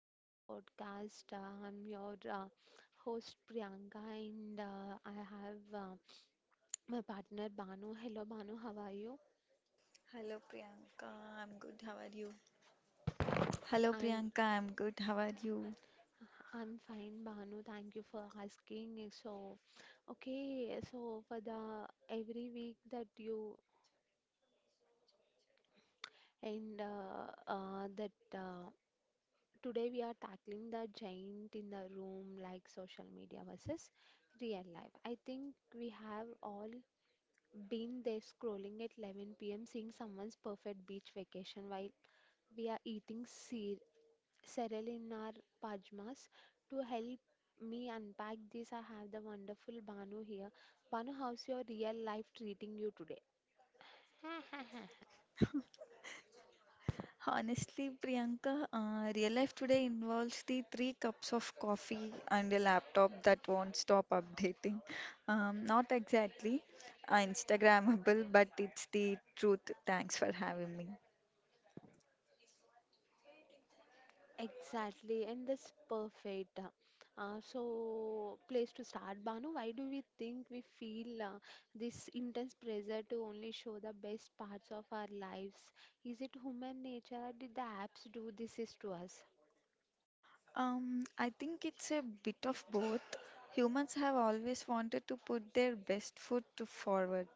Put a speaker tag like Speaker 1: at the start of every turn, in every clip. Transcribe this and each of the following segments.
Speaker 1: to our podcast. I'm your host Priyanka and I have my partner Banu. Hello Banu, how are you?
Speaker 2: Hello Priyanka, I'm good. How are you? Hello
Speaker 1: I'm
Speaker 2: Priyanka, I'm good. How are you?
Speaker 1: I'm fine Banu. Thank you for asking. So, for the every week that you and that today we are tackling the giant in the room like social media versus real life. I think we have all been there scrolling at 11 p.m., seeing someone's perfect beach vacation while we are eating cereal in our pajamas. To help me unpack this, I have the wonderful Banu here. Banu, how's your real life treating you today?
Speaker 2: Honestly, Priyanka, real life today involves the three cups of coffee and a laptop that won't stop updating. Not exactly Instagrammable, but it's the truth. Thanks for having me.
Speaker 1: Exactly, and that's perfect. Place to start. Banu, why do we think we feel this intense pressure to only show the best parts of our lives? Is it human nature, or did the apps do this is to us?
Speaker 2: I think it's a bit of both. Humans have always wanted to put their best foot to forward.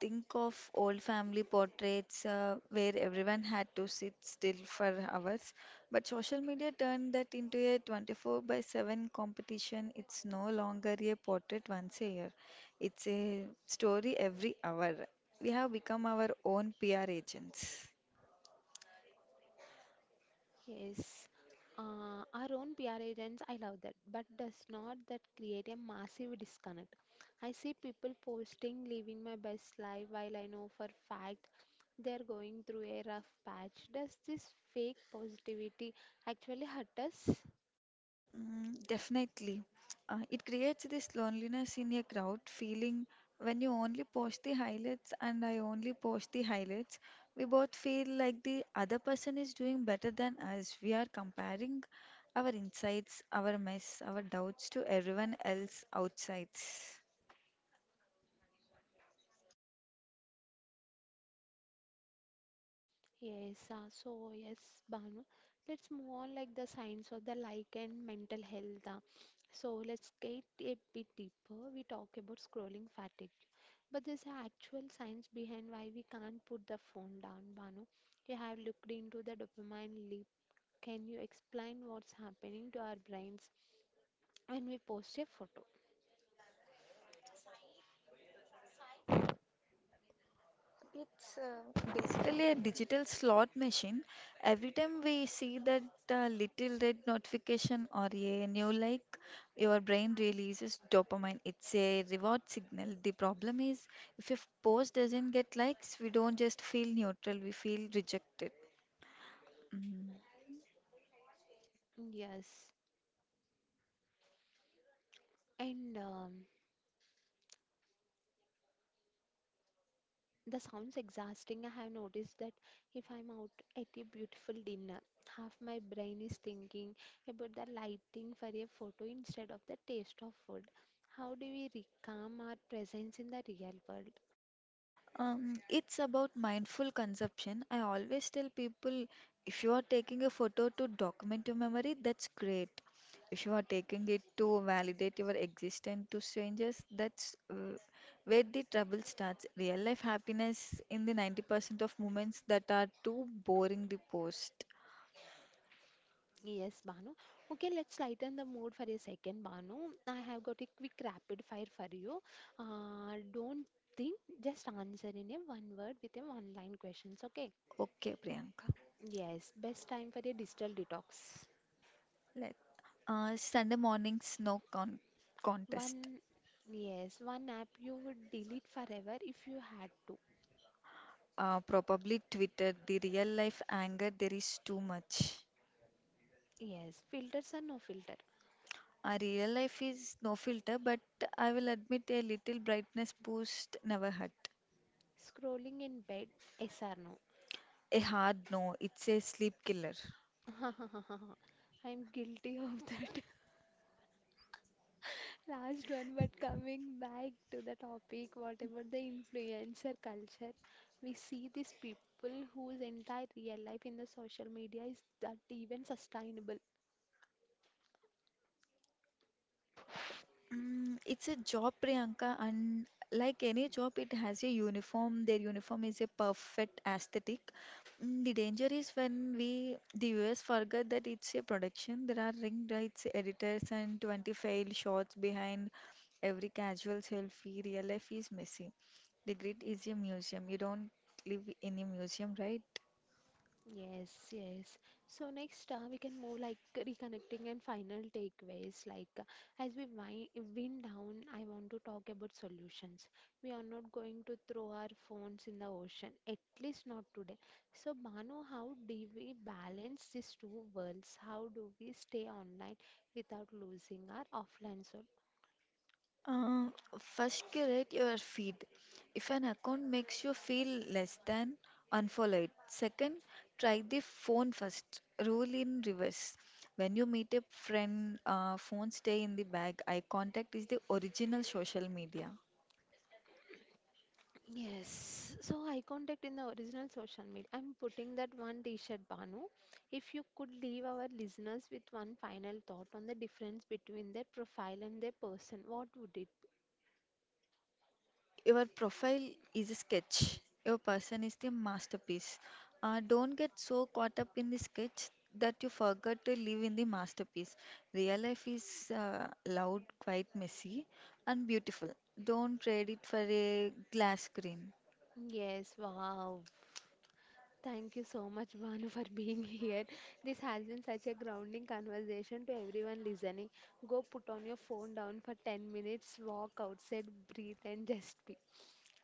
Speaker 2: Think of old family portraits where everyone had to sit still for hours, but social media turned that into a 24/7 competition. It's no longer a portrait once a year, it's a story every hour. We have become our own PR agents.
Speaker 1: Yes, our own PR agents, I love that. But does not that create a massive disconnect? I see people posting living my best life, while I know for fact they're going through a rough patch. Does this fake positivity actually hurt us?
Speaker 2: Mm, definitely. It creates this loneliness in a crowd feeling when you only post the highlights and I only post the highlights. We both feel like the other person is doing better than us. We are comparing our insights, our mess, our doubts to everyone else outsides.
Speaker 1: Yes, Banu. Let's move on like the science of the like and mental health. So let's get a bit deeper. We talk about scrolling fatigue. But there's a actual science behind why we can't put the phone down, Banu. You have looked into the dopamine leap. Can you explain what's happening to our brains when we post a photo?
Speaker 2: It's basically a digital slot machine. Every time we see that little red notification or a new like, your brain releases dopamine. It's a reward signal. The problem is, if your post doesn't get likes, we don't just feel neutral, we feel rejected. Mm.
Speaker 1: Yes. And the sounds exhausting. I have noticed that if I'm out at a beautiful dinner, half my brain is thinking about the lighting for a photo instead of the taste of food. How do we reclaim our presence in the real world?
Speaker 2: It's about mindful consumption. I always tell people if you are taking a photo to document your memory, that's great. If you are taking it to validate your existence to strangers, that's where the trouble starts. Real life happiness in the 90% of moments that are too boring the post.
Speaker 1: Yes, Banu. Okay, let's lighten the mood for a second, Banu. I have got a quick rapid fire for you. Don't think, just answer in a one word with a one line questions, okay?
Speaker 2: Okay, Priyanka.
Speaker 1: Yes, best time for a digital detox.
Speaker 2: Let Sunday morning snow contest.
Speaker 1: One, yes, one app you would delete forever if you had to.
Speaker 2: Probably Twitter, the real life anger, there is too much.
Speaker 1: Yes, filters or no filter.
Speaker 2: Our real life is no filter, but I will admit a little brightness boost never hurt.
Speaker 1: Scrolling in bed, yes or no?
Speaker 2: A hard no, it's a sleep killer.
Speaker 1: I'm guilty of that. Last one, but coming back to the topic, what about the influencer culture? We see these people whose entire real life in the social media is that even sustainable.
Speaker 2: It's a job, Priyanka, and like any job, it has a uniform. Their uniform is a perfect aesthetic. The danger is when we, the viewers, forget that it's a production. There are ring lights, editors, and 20 failed shots behind every casual selfie. Real life is messy. The grid is a museum. You don't live in a museum, right?
Speaker 1: Yes, yes. So next, we can move like reconnecting and final takeaways. As we wind down, I want to talk about solutions. We are not going to throw our phones in the ocean, at least not today. So Manu, how do we balance these two worlds? How do we stay online without losing our offline soul?
Speaker 2: Uh, First, curate your feed. If an account makes you feel less than, unfollow it. Second, try the phone first. Rule in reverse. When you meet a friend, phone stay in the bag. Eye contact is the original social media.
Speaker 1: Yes, so I contact in the original social media. I'm putting that one t-shirt, Banu. If you could leave our listeners with one final thought on the difference between their profile and their person, what would it?
Speaker 2: Your profile is a sketch. Your person is the masterpiece. Don't get so caught up in the sketch that you forget to live in the masterpiece. Real life is loud, quite messy, and beautiful. Don't trade it for a glass screen.
Speaker 1: Yes, wow. Thank you so much, Banu, for being here. This has been such a grounding conversation to everyone listening. Go put on your phone down for 10 minutes, walk outside, breathe, and just be.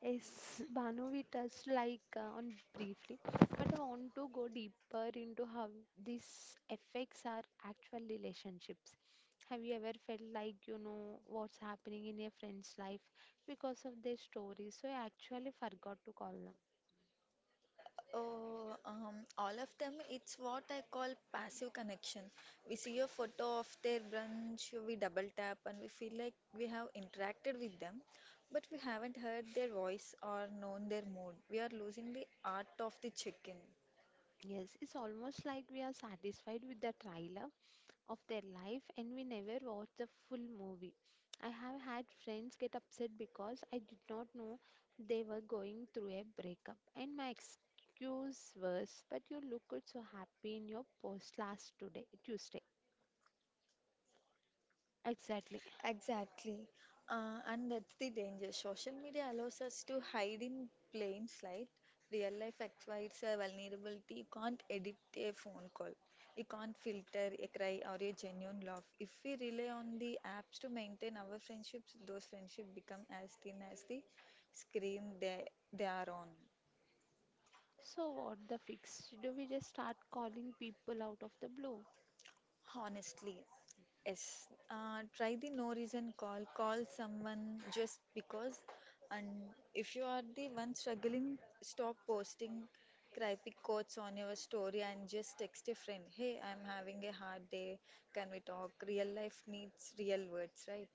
Speaker 1: Yes, Bhanu, we touched on briefly, but I want to go deeper into how these effects are actual relationships. Have you ever felt like you know what's happening in your friend's life because of their stories? So I actually forgot to call them.
Speaker 2: Oh, all of them, it's what I call passive connection. We see a photo of their brunch, we double tap, and we feel like we have interacted with them, but we haven't heard their voice or known their mood. We are losing the art of the check-in.
Speaker 1: Yes, it's almost like we are satisfied with the trial of their life and we never watch the full movie. I have had friends get upset because I did not know they were going through a breakup, and my excuse was, but you looked so happy in your post last today, Tuesday. Exactly.
Speaker 2: Exactly. And that's the danger. Social media allows us to hide in plain sight. Real life exhibits a vulnerability. You can't edit a phone call. You can't filter a cry or a genuine laugh. If we rely on the apps to maintain our friendships, those friendships become as thin as the screen they are on.
Speaker 1: So, what the fix? Do we just start calling people out of the blue?
Speaker 2: Honestly, yes. Try the no reason call. Call someone just because. And if you are the one struggling, stop posting cryptic quotes on your story and just text a friend. Hey, I'm having a hard day. Can we talk? Real life needs real words, right?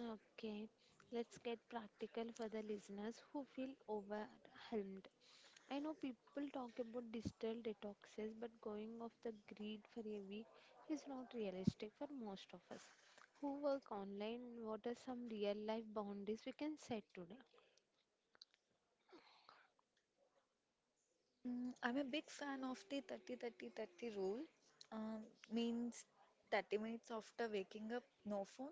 Speaker 1: Okay, let's get practical for the listeners who feel overwhelmed. I know people talk about digital detoxes, but going off the grid for a week is not realistic for most of us who work online. What are some real life boundaries we can set today?
Speaker 2: I'm a big fan of the 30 30 30 rule. Um, Means 30 minutes after waking up, no phone.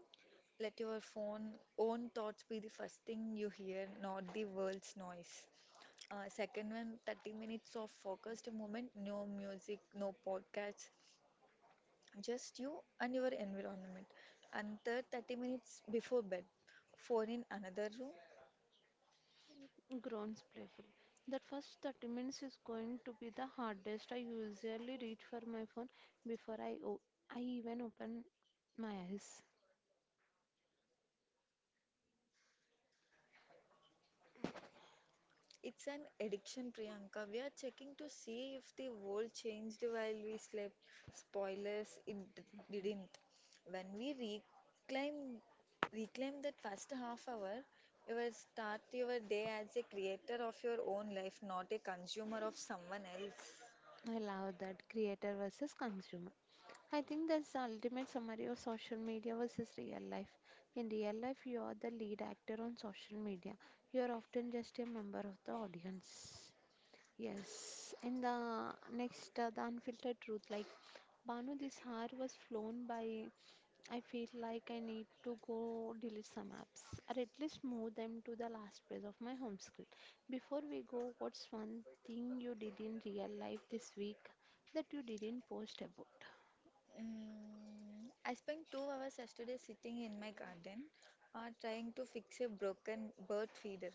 Speaker 2: Let your phone own thoughts be the first thing you hear, not the world's noise. Second one, 30 minutes of focused movement, no music, no podcasts, just you and your environment. And third, 30 minutes before bed, phone in another room.
Speaker 1: Groans playful. That first 30 minutes is going to be the hardest. I usually reach for my phone before I even open my eyes.
Speaker 2: It's an addiction, Priyanka. We are checking to see if the world changed while we slept. Spoilers, didn't. When we reclaim reclaim that first half hour, you will start your day as a creator of your own life, not a consumer of someone else.
Speaker 1: I love that creator versus consumer. I think that's the ultimate summary of social media versus real life. In real life, you are the lead actor on social media. You are often just a member of the audience. Yes. And the next, the unfiltered truth. Like, Banu, this hour was flown by. I feel like I need to go delete some apps or at least move them to the last page of my home screen. Before we go, what's one thing you did in real life this week that you didn't post about?
Speaker 2: I spent 2 hours yesterday sitting in my garden trying to fix a broken bird feeder.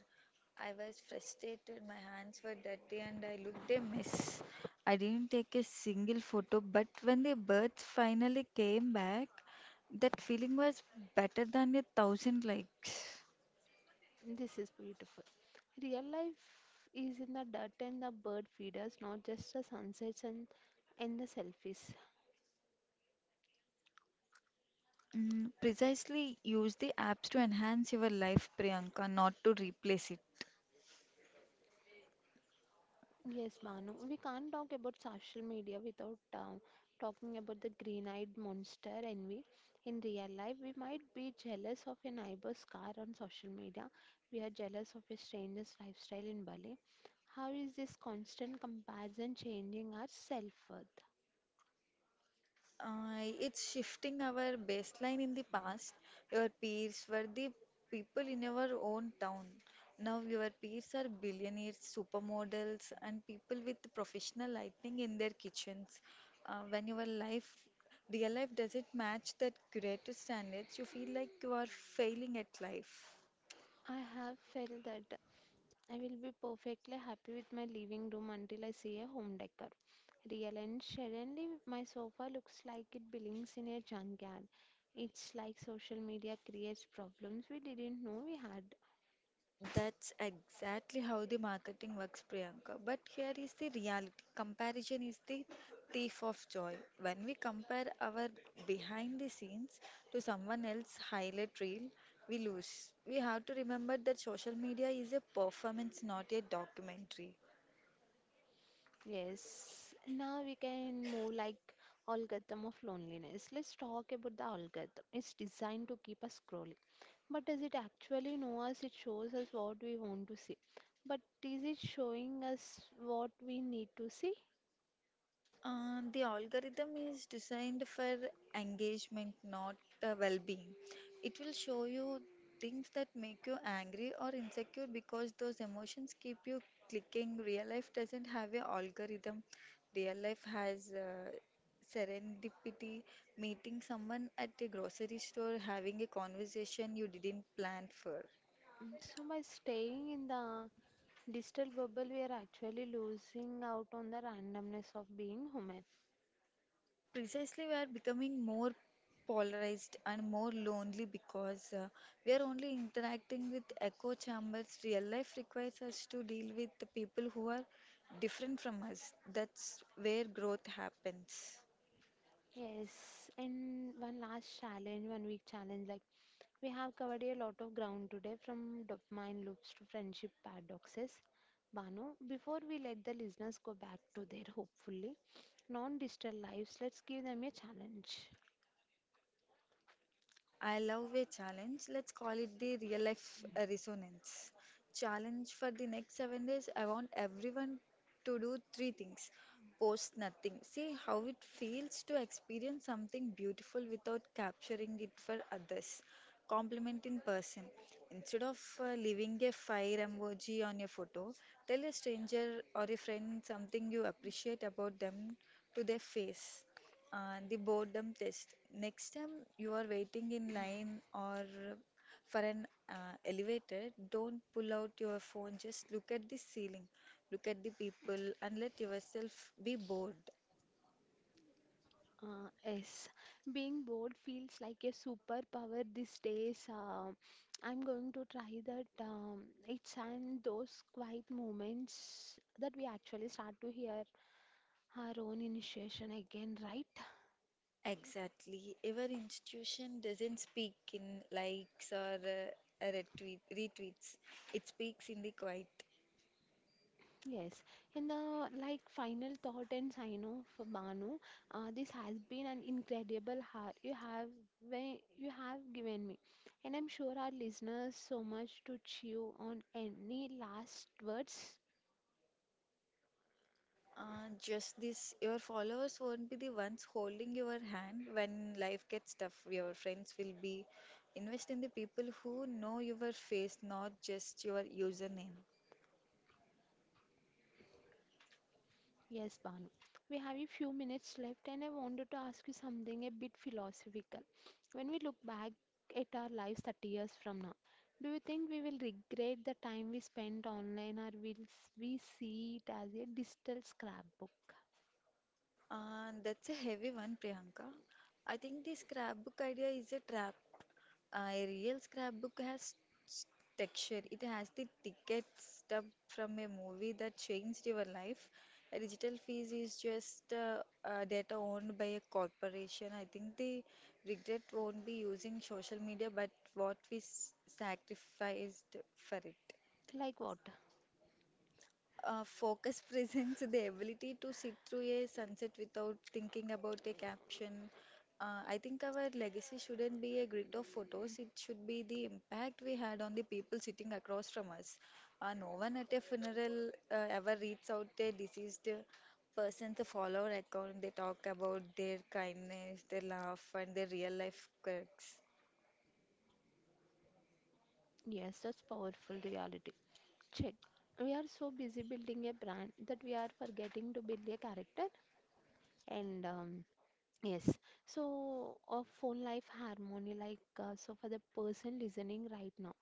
Speaker 2: I was frustrated, my hands were dirty, and I looked a mess. I didn't take a single photo, but when the birds finally came back, that feeling was better than a thousand likes.
Speaker 1: This is beautiful. Real life is in the dirt and the bird feeders, not just the sunsets and the selfies.
Speaker 2: Precisely use the apps to enhance your life, Priyanka, not to replace it.
Speaker 1: Yes, Banu, we can't talk about social media without talking about the green-eyed monster envy. In real life, we might be jealous of a neighbor's car on social media. We are jealous of a stranger's lifestyle in Bali. How is this constant comparison changing our self worth?
Speaker 2: It's shifting our baseline in the past. Your peers were the people in your own town. Now your peers are billionaires, supermodels, and people with professional lighting in their kitchens. When your real life doesn't match that greater standards, you feel like you are failing at life.
Speaker 1: I have felt that I will be perfectly happy with my living room until I see a home decor. Real and suddenly my sofa looks like it belongs in a junkyard. It's like social media creates problems we didn't know we had.
Speaker 2: That's exactly how the marketing works, Priyanka. But here is the reality comparison is the thief of joy. When we compare our behind the scenes to someone else's highlight reel, we lose. We have to remember that social media is a performance, not a documentary.
Speaker 1: Yes, now we can move like algorithm of loneliness. Let's talk about the algorithm. It's designed to keep us scrolling. But does it actually know us? It shows us what we want to see. But is it showing us what we need to see?
Speaker 2: The algorithm is designed for engagement, not well being. It will show you things that make you angry or insecure because those emotions keep you clicking. Real life doesn't have a algorithm, real life has serendipity, meeting someone at a grocery store, having a conversation you didn't plan for.
Speaker 1: Mm, so by staying in the digital bubble, we are actually losing out on the randomness of being human.
Speaker 2: Precisely we are becoming more polarized and more lonely because we are only interacting with echo chambers. Real life requires us to deal with the people who are different from us. That's where growth happens.
Speaker 1: Yes, and one last challenge, 1 week challenge. Like we have covered a lot of ground today, from dopamine loops to friendship paradoxes. Banu, before we let the listeners go back to their hopefully non-digital lives, let's give them a challenge.
Speaker 2: I love a challenge. Let's call it the real life resonance. Challenge for the next 7 days. I want everyone to do three things. Post nothing. See how it feels to experience something beautiful without capturing it for others. Compliment in person. Instead of leaving a fire emoji on your photo, tell a stranger or a friend something you appreciate about them to their face. The boredom test. Next time you are waiting in line or for an elevator, don't pull out your phone. Just look at the ceiling, look at the people, and let yourself be bored.
Speaker 1: Yes, being bored feels like a superpower these days. I'm going to try that. It's and those quiet moments that we actually start to hear our own initiation again, right?
Speaker 2: Exactly. Our institution doesn't speak in likes or retweets. It speaks in the quiet.
Speaker 1: Yes. And the like final thought and sign off, for Banu. This has been an incredible heart you have when you have given me, and I'm sure our listeners so much to chew on. Any last words?
Speaker 2: Just this, your followers won't be the ones holding your hand when life gets tough. Your friends will be invest in the people who know your face, not just your username.
Speaker 1: Yes, Banu. We have a few minutes left, and I wanted to ask you something a bit philosophical. When we look back at our lives 30 years from now, do you think we will regret the time we spent online, or will we see it as a digital scrapbook?
Speaker 2: That's a heavy one, Priyanka. I think this scrapbook idea is a trap. A real scrapbook has s- texture. It has the ticket stub from a movie that changed your life. A digital fees is just data owned by a corporation. I think the regret won't be using social media, but what we sacrificed for it.
Speaker 1: Like what?
Speaker 2: Focus presents the ability to sit through a sunset without thinking about a caption. I think our legacy shouldn't be a grid of photos, it should be the impact we had on the people sitting across from us. No one at a funeral ever reads out a deceased person's follower account. They talk about their kindness, their laugh, and their real life quirks.
Speaker 1: Yes, that's powerful reality. Check. We are so busy building a brand that we are forgetting to build a character. And Yes. So, a phone life harmony, so for the person listening right now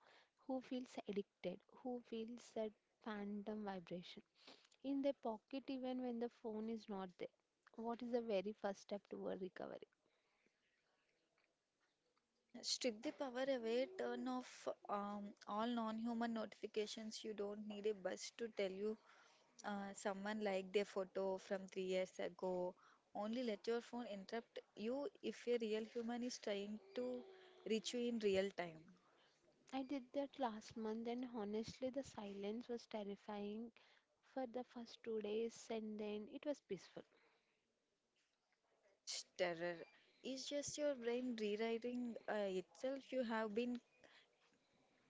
Speaker 1: who feels addicted, who feels that phantom vibration in their pocket, even when the phone is not there, what is the very first step toward recovery?
Speaker 2: Strip the power away, turn off all non-human notifications. You don't need a buzz to tell you someone liked their photo from 3 years ago. Only let your phone interrupt you if a real human is trying to reach you in real time.
Speaker 1: I did that last month, and honestly, the silence was terrifying for the first 2 days, and then it was peaceful.
Speaker 2: Such terror is just your brain rewriting itself. You have been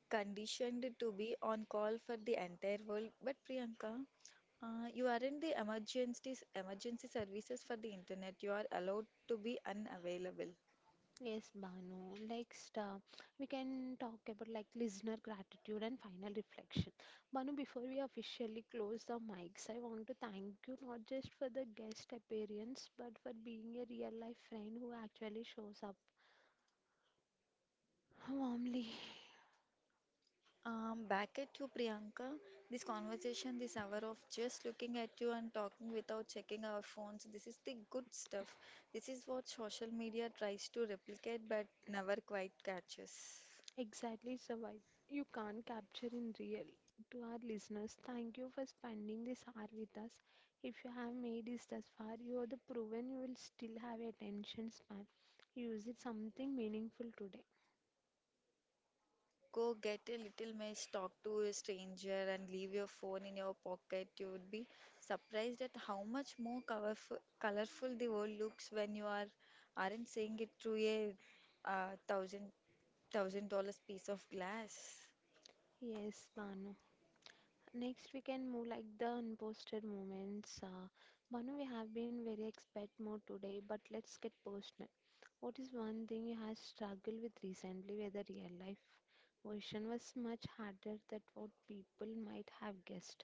Speaker 2: conditioned to be on call for the entire world. But Priyanka, you aren't the emergency services for the internet. You are allowed to be unavailable.
Speaker 1: Yes, Banu. Next, we can talk about like listener gratitude and final reflection. Banu, before we officially close the mics, I want to thank you not just for the guest appearance, but for being a real life friend who actually shows up warmly.
Speaker 2: Back at you, Priyanka. This conversation, this hour of just looking at you and talking without checking our phones, this is the good stuff. This is what social media tries to replicate but never quite catches.
Speaker 1: Exactly, survive. You can't capture in real. To our listeners, thank you for spending this hour with us. If you have made it this far, you are the proven you will still have attention span. Use it something meaningful today.
Speaker 2: Go get a little mess, talk to a stranger, and leave your phone in your pocket. You would be surprised at how much more colorful the world looks when you are aren't seeing it through a uh, thousand thousand dollars piece of glass.
Speaker 1: Yes, Banu. Next, we can move like the unposted moments. Banu, we have been very expert mode today, but let's get personal. What is one thing you have struggled with recently where the real life version was much harder than what people might have guessed?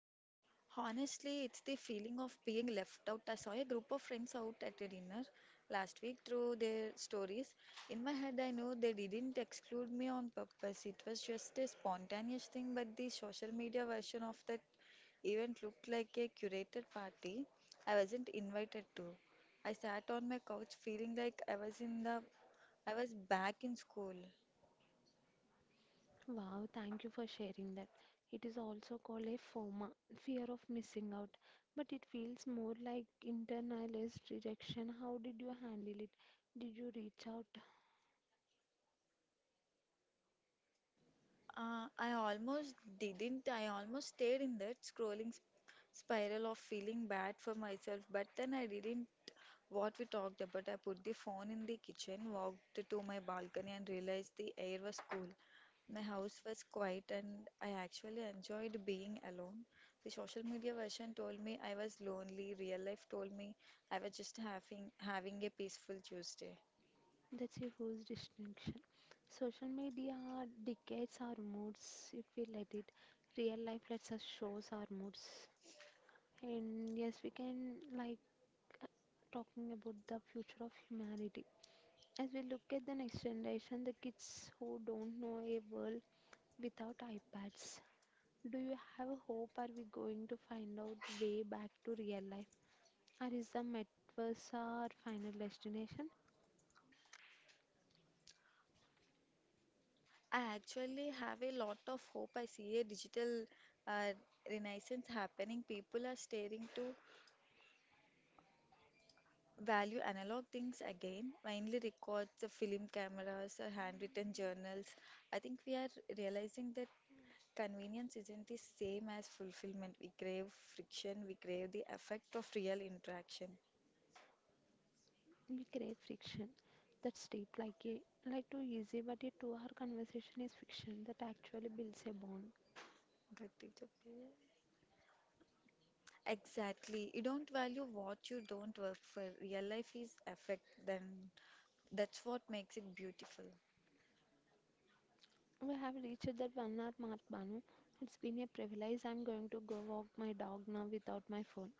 Speaker 2: Honestly, it's the feeling of being left out. I saw a group of friends out at a dinner last week through their stories. In my head, I know they didn't exclude me on purpose. It was just a spontaneous thing, but the social media version of that event looked like a curated party I wasn't invited to. I sat on my couch feeling like I was back in school.
Speaker 1: Wow, thank you for sharing that. It is also called a FOMA, fear of missing out, but it feels more like internalized rejection. How did you handle it? Did you reach out?
Speaker 2: I almost didn't. I almost stayed in that scrolling spiral of feeling bad for myself, but then I didn't what we talked about. I put the phone in the kitchen, walked to my balcony, and realized the air was cool. My house was quiet, and I actually enjoyed being alone. The social media version told me I was lonely. Real life told me I was just having a peaceful Tuesday.
Speaker 1: That's a huge distinction. Social media dictates our moods if we let it. Real life lets us shows our moods. And yes, we can like uh, talking about the future of humanity. As we look at the next generation, the kids who don't know a world without iPads. Do you have a hope? Are we going to find out way back to real life? Or is the metaverse our final destination?
Speaker 2: I actually have a lot of hope. I see a digital uh, renaissance happening. People are staring to value analog things again, mainly records, the film cameras, the handwritten journals. I think we are realizing that convenience isn't the same as fulfillment. We crave friction, we crave the effect of real interaction.
Speaker 1: We create friction that's deep, like a too easy, but a 2 hour conversation is fiction that actually builds a bond.
Speaker 2: गद्दी तो exactly. You don't value what you don't work for. Real life is effect, then that's what makes it beautiful.
Speaker 1: We have reached that 1 hour mark, Banu. It's been a privilege. I'm going to go walk my dog now without my phone.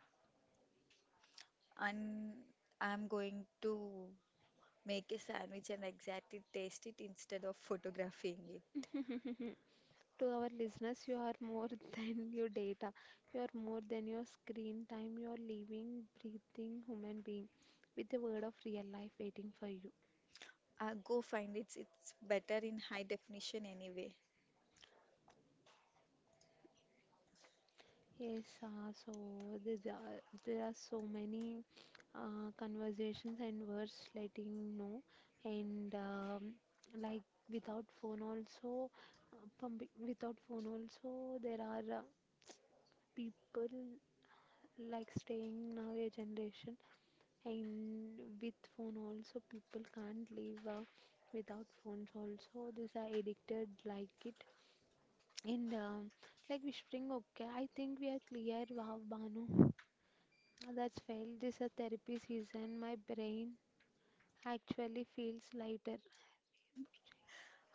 Speaker 2: And I'm going to make a sandwich and exactly taste it instead of photographing it.
Speaker 1: To our listeners, you are more than your data. You are more than your screen time. You are living, breathing human being with a word of real life waiting for you.
Speaker 2: Go find it. It's better in high definition anyway.
Speaker 1: Yes, so there are so many conversations and words letting know, and like without phone also, without phone also, there are people like staying now a generation, and with phone also, people can't live without phones also. These are addicted like it, and like whispering. Okay, I think we are clear. Wow, Banu. That's felt this a therapy season. My brain actually feels lighter,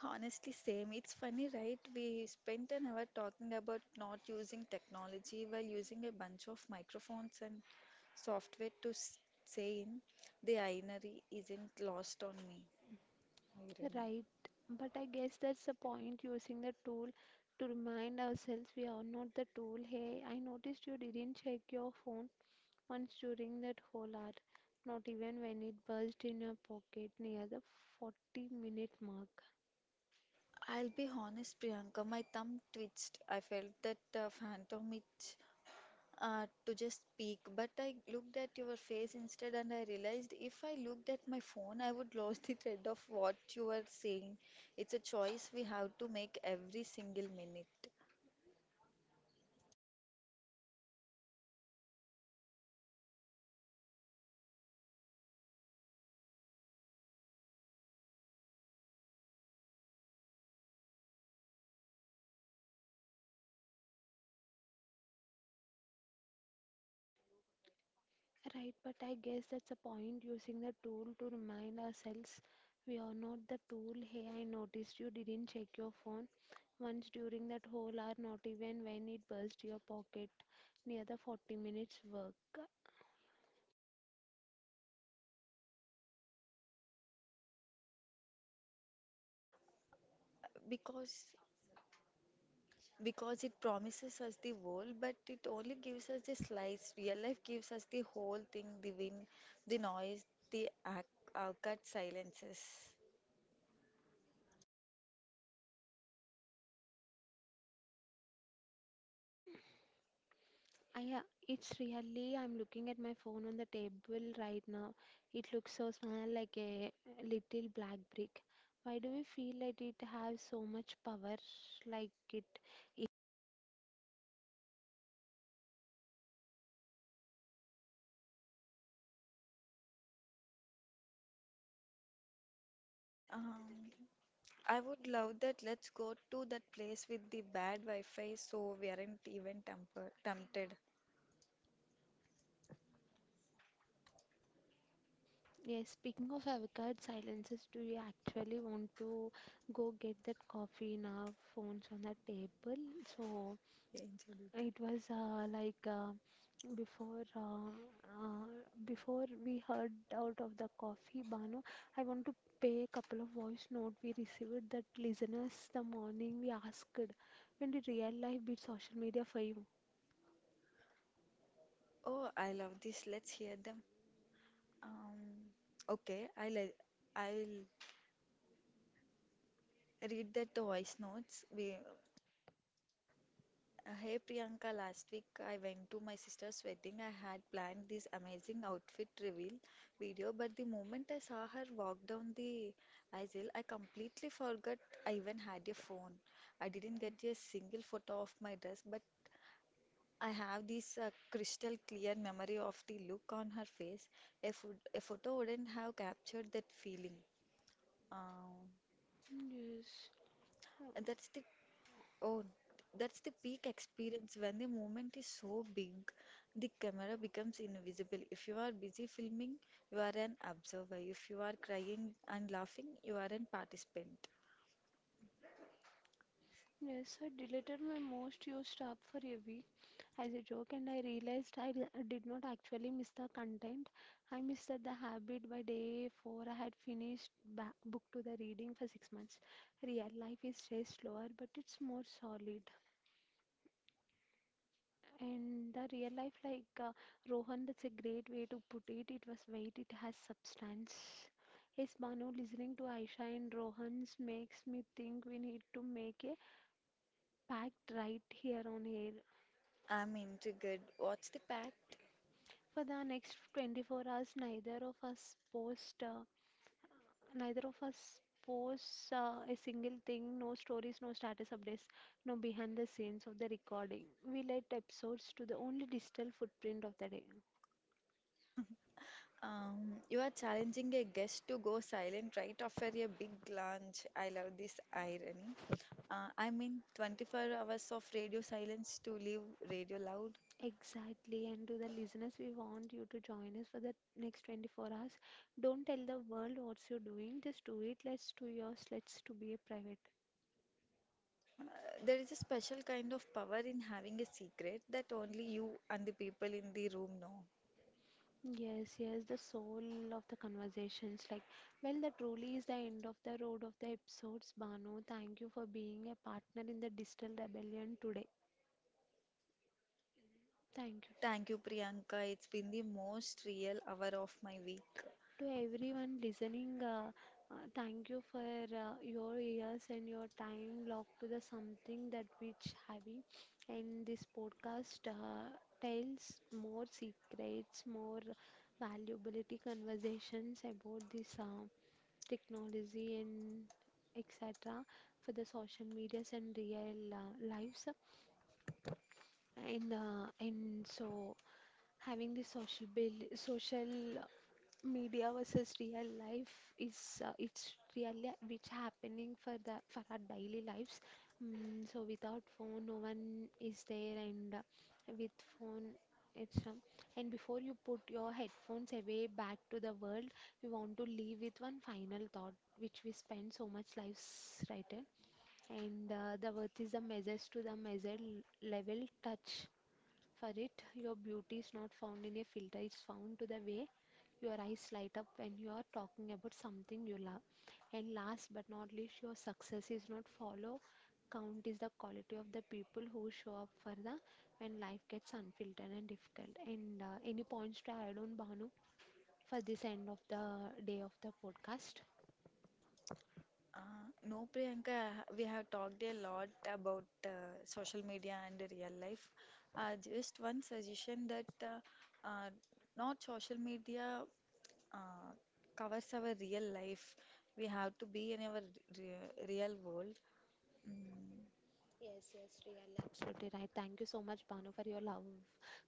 Speaker 2: Honestly, same. It's funny, right? We spent an hour talking about not using technology while using a bunch of microphones and software to say in the itinerary isn't lost on me. Irony.
Speaker 1: right? But I guess that's the point, using the tool to remind ourselves we are not the tool. Hey, I noticed you didn't check your phone once during that whole hour, not even when it buzzed in your pocket near the 40-minute mark.
Speaker 2: I'll be honest, Priyanka, my thumb twitched. I felt that phantom itch to just speak, but I looked at your face instead and I realized if I looked at my phone, I would lose the thread of what you are saying. It's a choice we have to make every single minute,
Speaker 1: Right, but I guess that's a point, using the tool to remind ourselves we are not the tool. Hey, I noticed you didn't check your phone once during that whole hour, not even when it burst your pocket near the 40 minutes work.
Speaker 2: because because it promises us the world, but it only gives us the slice. Real life gives us the whole thing, the wind, the noise, the cut silences.
Speaker 1: I, uh, it's really, I'm looking at my phone on the table right now. It looks so small, like a little black brick. Why do we feel like it has so much power, like it?
Speaker 2: Um, I would love that. Let's go to that place with the bad Wi-Fi so we aren't even temper tempted.
Speaker 1: Yes, speaking of avocado silences, do you actually want to go get that coffee now? Phones on the table. So
Speaker 2: ఏం
Speaker 1: it
Speaker 2: చదువుతాడు?
Speaker 1: was before uh, uh, before we heard out of the coffee, Banu, I want to pay a couple of voice note we received that listeners the morning we asked, when did real life beat social media for you?
Speaker 2: Oh, I love this. Let's hear them. Um, okay, I'll read that the voice notes. We Hey Priyanka, last week I went to my sister's wedding. I had planned this amazing outfit reveal video, but the moment I saw her walk down the aisle, I completely forgot I even had a phone. I didn't get a single photo of my dress, but I have this crystal clear memory of the look on her face. A photo wouldn't have captured that feeling. Um,
Speaker 1: Yes.
Speaker 2: and that's the Oh, That's the peak experience when the moment is so big, the camera becomes invisible. If you are busy filming, you are an observer. If you are crying and laughing, you are a participant.
Speaker 1: Yes, I deleted my most used app for a week as a joke, and I realized I did not actually miss the content. I missed the habit. By day 4, I had finished ba book to the reading for 6 months. Real life is just slower, but it's more solid. And the real life, Rohan, that's a great way to put it. It was weight, it has substance. Yes, Banu, listening to Aisha and Rohan's makes me think we need to make a pact right here on air.
Speaker 2: I'm intrigued. What's the pact?
Speaker 1: For the next 24 hours, neither of us post, neither of us posts a single thing. No stories, no status updates, no behind the scenes of the recording. We let episodes to the only digital footprint of the day.
Speaker 2: You are challenging a guest to go silent right after a big lunch. I love this irony. I mean, 24 hours of radio silence to leave radio loud.
Speaker 1: Exactly, and to the listeners, we want you to join us for the next 24 hours. Don't tell the world what you're doing, just do it. Let's do yours, let's to be a private.
Speaker 2: There is a special kind of power in having a secret that only you and the people in the room know.
Speaker 1: Yes, yes, the soul of the conversations. Like, well, that truly is the end of the road of the episodes, Banu. Thank you for being a partner in the digital rebellion today. Thank you.
Speaker 2: Thank you, Priyanka. It's been the most real hour of my week.
Speaker 1: To everyone listening, thank you for your ears and your time locked to the something that which having. And this podcast tells more secrets, more valuability conversations about this technology and etc. for the social medias and real lives. And so having the social build, social media versus real life is it's really which happening for the for our daily lives. Mm, so without phone no one is there, and with phone it's and before you put your headphones away back to the world, we want to leave with one final thought, which we spend so much lives right in. And The worth is the measures to the measure level touch for it. Your beauty is not found in a filter, it's found to the way your eyes light up when you are talking about something you love. And last but not least, your success is not follow count, is the quality of the people who show up for the when life gets unfiltered and difficult. And Any points to add on Bhanu for this end of the day of the podcast?
Speaker 2: No, Priyanka, we have talked a lot about social media and real life. Just one suggestion that uh, not social media uh, covers our real life. We have to be in our re real world. Mm.
Speaker 1: Yes, yes, really, absolutely right. Thank you so much, Banu,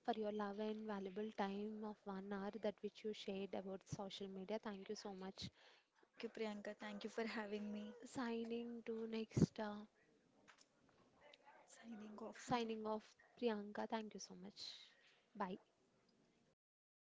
Speaker 1: for your love and valuable time of 1 hour that which you shared about social media. Thank you so much.
Speaker 2: Thank you, Priyanka. Thank you for having me.
Speaker 1: Signing to next,
Speaker 2: 才饮联分附
Speaker 1: signing off, Priyanka. Thank you so much. Bye.